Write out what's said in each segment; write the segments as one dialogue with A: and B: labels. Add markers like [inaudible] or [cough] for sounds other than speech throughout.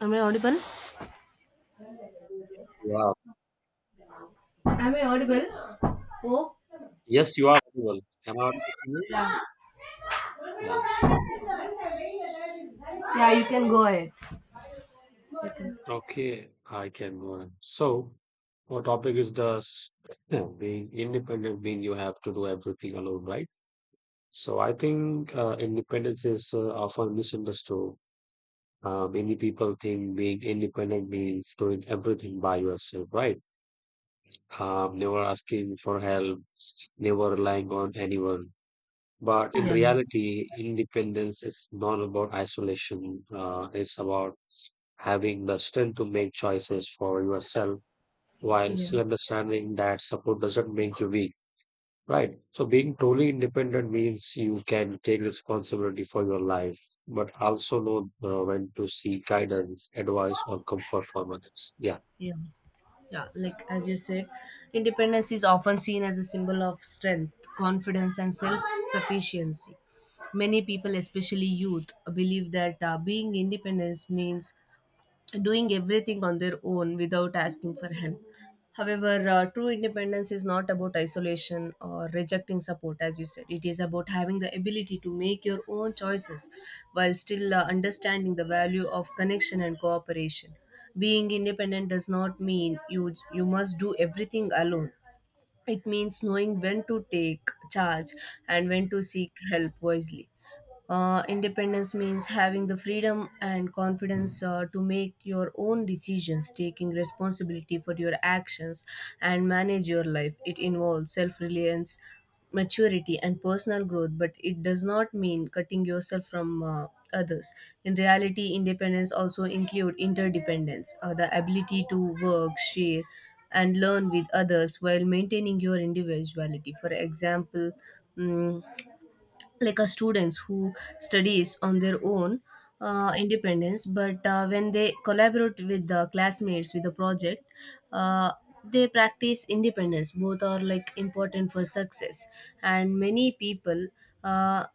A: Am I audible?
B: Yes, you are.
A: Am I audible? Oh,
B: Yes, you are audible. Am I audible to you?
A: yeah.
B: Yeah.
A: Yeah, you can go ahead.
B: Okay, I can go on. So, our topic is this? [clears throat] Being independent, being you have to do everything alone, right? So, I think independence is often misunderstood. Many people think being independent means doing everything by yourself, right? Never asking for help, never relying on anyone. But in reality, independence is not about isolation. It's about having the strength to make choices for yourself while still understanding that support doesn't make you weak, right? So being truly independent means you can take responsibility for your life, but also know when to seek guidance, advice, or comfort from others. Yeah.
A: Yeah. Yeah, like as you said, independence is often seen as a symbol of strength, confidence, and self sufficiency. Many people, especially youth, believe that being independent means doing everything on their own without asking for help. However, true independence is not about isolation or rejecting support, as you said. It is about having the ability to make your own choices while still understanding the value of connection and cooperation. Being independent does not mean you must do everything alone. It means knowing when to take charge and when to seek help wisely. Independence means having the freedom and confidence to make your own decisions, taking responsibility for your actions, and manage your life. It involves self reliance, maturity, and personal growth, but it does not mean cutting yourself from others. In reality, independence also includes interdependence, the ability to work, share, and learn with others while maintaining your individuality. For example, mm, like a students who studies on their own independence but when they collaborate with the classmates with the project uh, they practice independence both are like important for success and many people uh,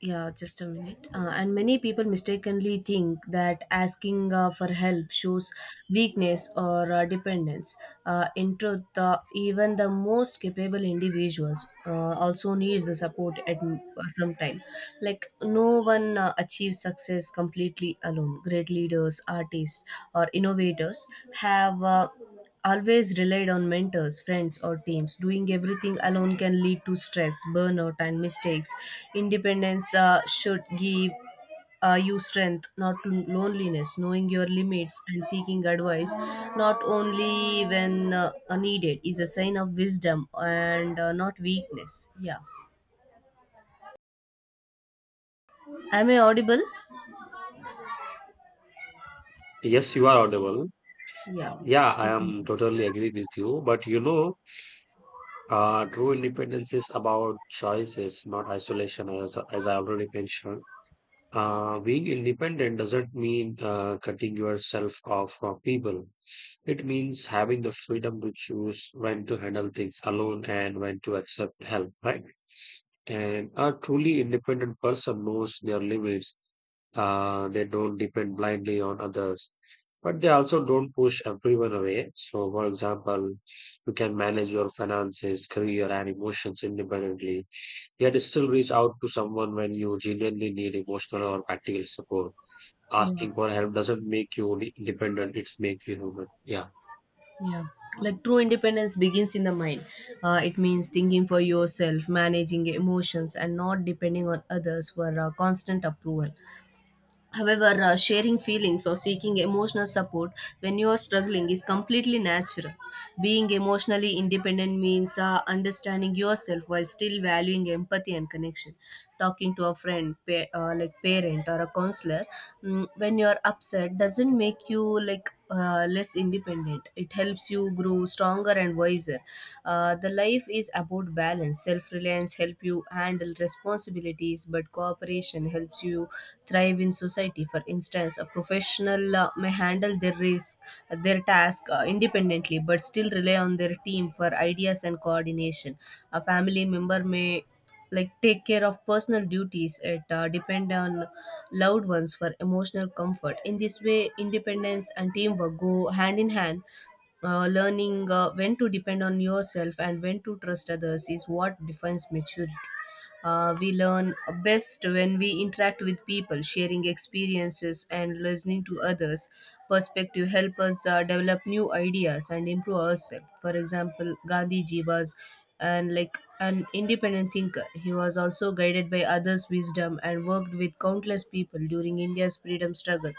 A: yeah, just a minute. And many people mistakenly think that asking for help shows weakness or dependence. In truth, even the most capable individuals also needs the support at some time. Like no one achieves success completely alone. Great leaders, artists, or innovators have. Always relied on mentors, friends, or teams. Doing everything alone can lead to stress, burnout, and mistakes. Independence should give you strength, not loneliness. Knowing your limits and seeking advice, not only when needed, is a sign of wisdom and not weakness. Yeah. Am I audible?
B: Yes, you are audible.
A: Yeah.
B: Yeah, I
A: You
B: am
A: can-
B: totally agree with you. But you know, true independence is about choices, not isolation, as I already mentioned. Being independent doesn't mean cutting yourself off from people. It means having the freedom to choose when to handle things alone and when to accept help, right? And a truly independent person knows their limits. They don't depend blindly on others, but they also don't push everyone away. So, for example, you can manage your finances, career, and emotions independently, yet still reach out to someone when you genuinely need emotional or practical support.
A: Yeah.
B: Asking for help doesn't make you only independent, it's make you human. Yeah.
A: Yeah, like true independence begins in the mind. It means thinking for yourself, managing emotions, and not depending on others for constant approval. However, sharing feelings or seeking emotional support when you are struggling is completely natural. Being emotionally independent means understanding yourself while still valuing empathy and connection. Talking to a friend, like parent or a counselor, when you are upset doesn't make you like less independent. It helps you grow stronger and wiser. The life is about balance, self reliance silence help you handle responsibilities but cooperation helps you thrive in society for instance a professional may handle their risk their task independently but still rely on their team for ideas and coordination a family member may like take care of personal duties it depend on loved ones for emotional comfort in this way independence and teamwork go hand in hand learning when to depend on yourself and when to trust others is what defines maturity. We learn best when we interact with people, sharing experiences and listening to others. Perspective help us develop new ideas and improve ourselves. For example, Gandhiji was and like an independent thinker. He was also guided by others' wisdom and worked with countless people during India's freedom struggle.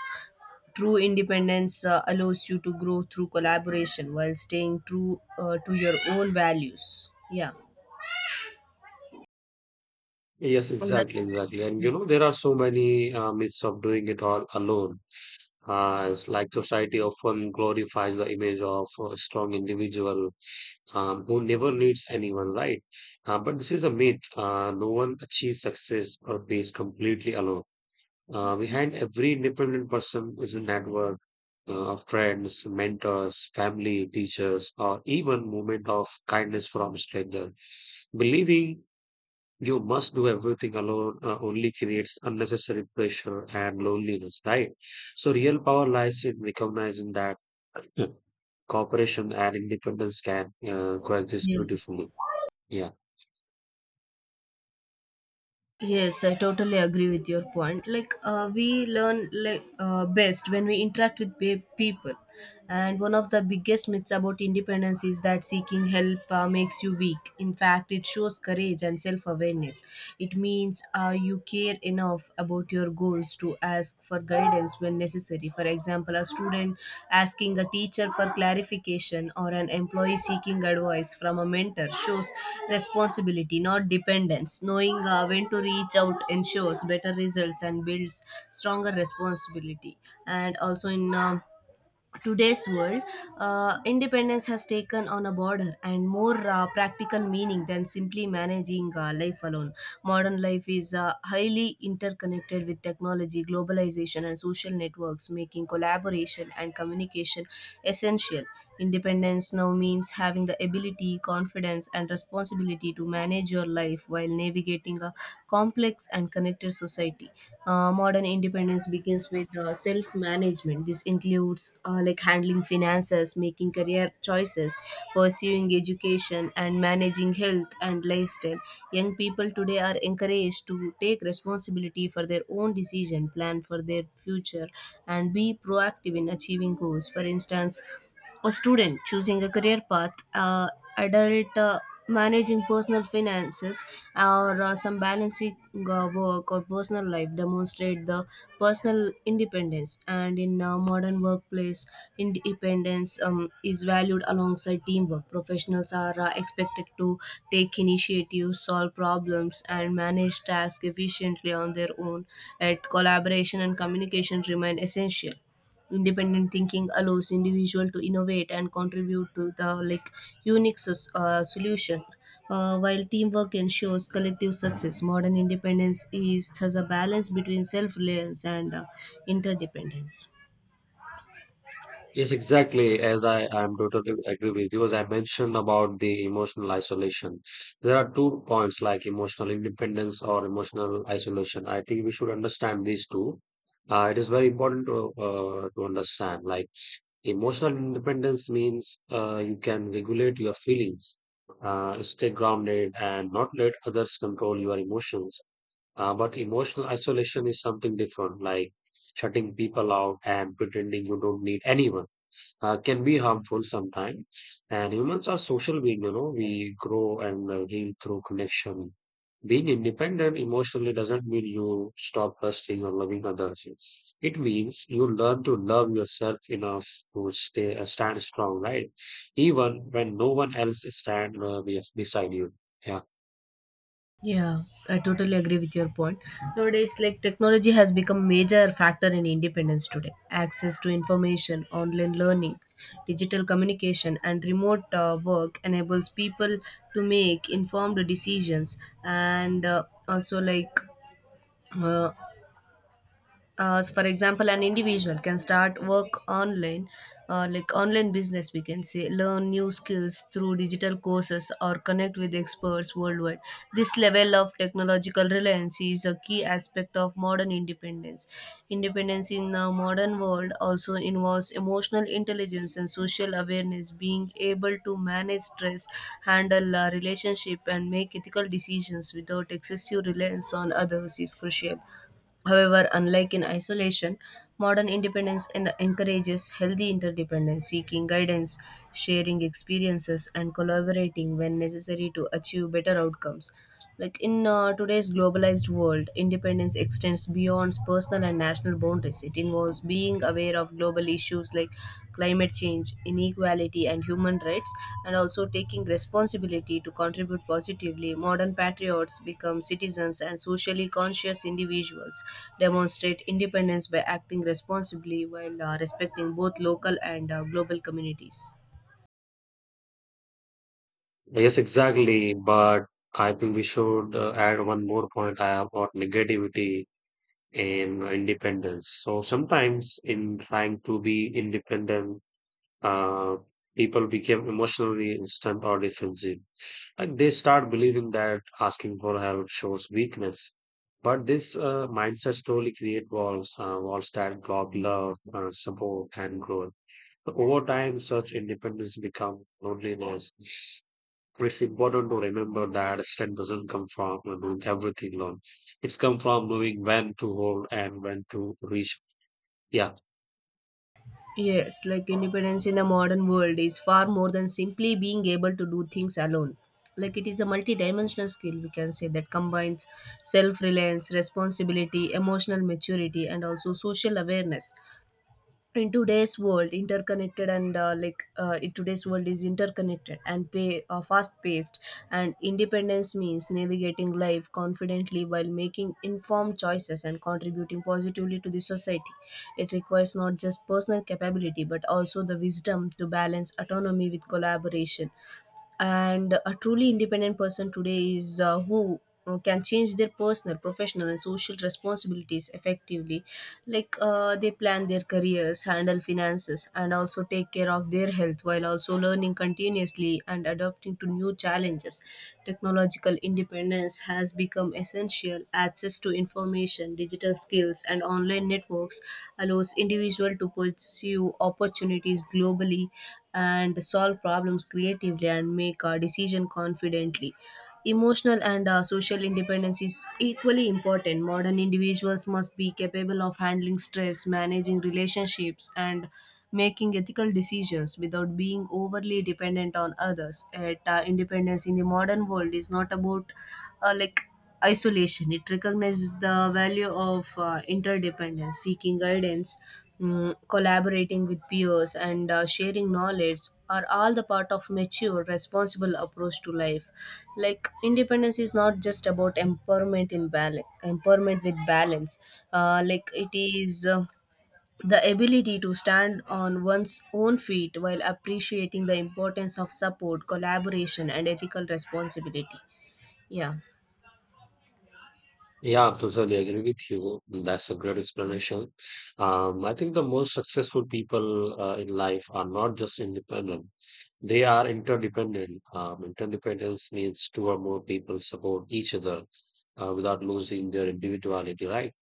A: True independence allows you to grow through collaboration while staying true to your own values. Yeah.
B: Yes,
A: Well, that-
B: exactly, exactly. And you know, there are so many myths of doing it all alone. It's like society often glorifies the image of a strong individual, who never needs anyone, right? But this is a myth. No one achieves success or peace completely alone. Behind every independent person is a network of friends, mentors, family, teachers, or even moment of kindness from strangers. Believing you must do everything alone only creates unnecessary pressure and loneliness, right? So, real power lies in recognizing that uh, cooperation and independence can coexist
A: yeah.
B: beautifully. Yeah.
A: Yes, I totally agree with your point. Like, we learn like best when we interact with people, and one of the biggest myths about independence is that seeking help makes you weak. In fact, it shows courage and self-awareness. It means you care enough about your goals to ask for guidance when necessary. For example, a student asking a teacher for clarification or an employee seeking advice from a mentor shows responsibility, not dependence. Knowing when to reach out ensures better results and builds stronger responsibility. And also in today's world, independence has taken on a broader and more practical meaning than simply managing life alone. Modern life is highly interconnected with technology, globalization, and social networks, making collaboration and communication essential. Independence now means having the ability, confidence, and responsibility to manage your life while navigating a complex and connected society. Modern independence begins with self management. This includes like handling finances, making career choices, pursuing education, and managing health and lifestyle. Young people today are encouraged to take responsibility for their own decision, plan for their future, and be proactive in achieving goals. For instance, a student choosing a career path, adult managing personal finances, or some balancing work or personal life demonstrate the personal independence. And in modern workplace, independence is valued alongside teamwork. Professionals are expected to take initiative, solve problems, and manage tasks efficiently on their own. Yet collaboration and communication remain essential. Independent thinking allows individual to innovate and contribute to the like solution. While teamwork ensures collective success, modern independence is thus a balance between self-reliance and interdependence.
B: Yes, exactly. As I am totally agree with you, as I mentioned about the emotional isolation, there are two points like emotional independence or emotional isolation. I think we should understand these two. It is very important to understand like emotional independence means you can regulate your feelings, stay grounded, and not let others control your emotions. But emotional isolation is something different, like shutting people out and pretending you don't need anyone can be harmful sometimes. And humans are social beings, you know, we grow and heal through connection. Being independent emotionally doesn't mean you stop trusting or loving others. It means you learn to love yourself enough to stay stand strong, right? Even when no one else beside you. Yeah.
A: Yeah, I totally agree with your point. Nowadays, like technology has become major factor in independence today. Access to information, online learning, digital communication, and remote work enables people to make informed decisions and also like uh, as for example, an individual can start work online, like online business, we can say, learn new skills through digital courses or connect with experts worldwide. This level of technological reliance is a key aspect of modern independence. Independence in the modern world also involves emotional intelligence and social awareness, being able to manage stress, handle a relationship, and make ethical decisions without excessive reliance on others is crucial. However, unlike in isolation, modern independence encourages healthy interdependence, seeking guidance, sharing experiences, and collaborating when necessary to achieve better outcomes. Like in today's globalized world, independence extends beyond personal and national boundaries. It involves being aware of global issues like climate change, inequality, and human rights, and also taking responsibility to contribute positively, modern patriots become citizens and socially conscious individuals, demonstrate independence by acting responsibly while respecting both local and global communities.
B: Yes, exactly. But I think we should add one more point I have about negativity in independence. So sometimes in trying to be independent, uh, people became emotionally instant or defensive. Like they start believing that asking for help shows weakness. But this mindset slowly create walls, walls that block love, support, and growth. So over time, such independence become loneliness. It's important to remember that strength doesn't come from doing everything alone. It's come from knowing when to hold and when to reach. Yeah.
A: Yes, like independence in a modern world is far more than simply being able to do things alone. Like it is a multidimensional skill, we can say, that combines self reliance, responsibility, emotional maturity, and also social awareness in today's world interconnected and in today's world is interconnected and pay fast paced and independence means navigating life confidently while making informed choices and contributing positively to the society it requires not just personal capability but also the wisdom to balance autonomy with collaboration and a truly independent person today is who can change their personal professional and social responsibilities effectively like they plan their careers handle finances and also take care of their health while also learning continuously and adapting to new challenges technological independence has become essential access to information digital skills and online networks allows individual to pursue opportunities globally and solve problems creatively and make a decision confidently emotional and social independence is equally important modern individuals must be capable of handling stress managing relationships and making ethical decisions without being overly dependent on others. Yet, independence in the modern world is not about uh, like isolation. It recognizes the value of interdependence, seeking guidance, collaborating with peers, and sharing knowledge are all the part of mature, responsible approach to life. Like independence is not just about empowerment in balance, empowerment with balance. Like it is. The ability to stand on one's own feet while appreciating the importance of support, collaboration, and ethical responsibility. Yeah.
B: Yeah, I totally agree with you. That's a great explanation. I think the most successful people in life are not just independent, they are interdependent. Interdependence means two or more people support each other without losing their individuality, right?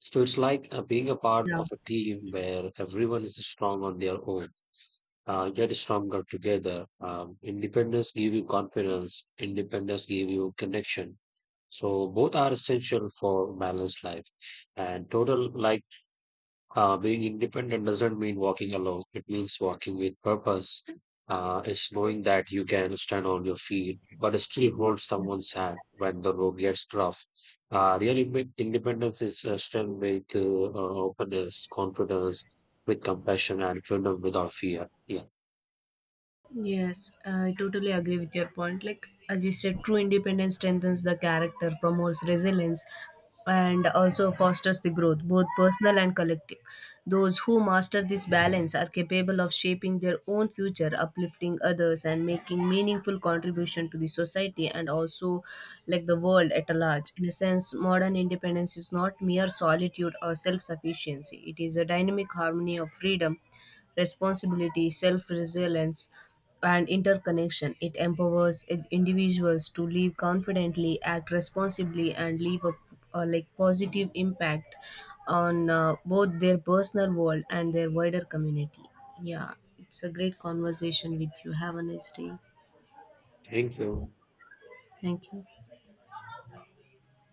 B: So it's like being a part
A: Yeah.
B: of a team where everyone is strong on their own, get stronger together. Independence give you confidence, independence give you connection, so both are essential for balanced life. And total, like being independent doesn't mean walking alone. It means walking with purpose. It's knowing that you can stand on your feet, but still hold someone's hand when the road gets rough. Real independence is strength with openness, confidence, with compassion, and freedom without fear. Yeah.
A: Yes, I totally agree with your point. Like, as you said, true independence strengthens the character, promotes resilience, and also fosters the growth, both personal and collective. Those who master this balance are capable of shaping their own future, uplifting others, and making meaningful contribution to the society and also like the world at a large. In a sense, modern independence is not mere solitude or self sufficiency, it is a dynamic harmony of freedom responsibility, self resilience, and interconnection. It empowers individuals to live confidently, act responsibly, and leave a like positive impact on both their personal world and their wider community. Yeah, it's a great conversation with you. Have a nice day.
B: Thank you.
A: Thank you.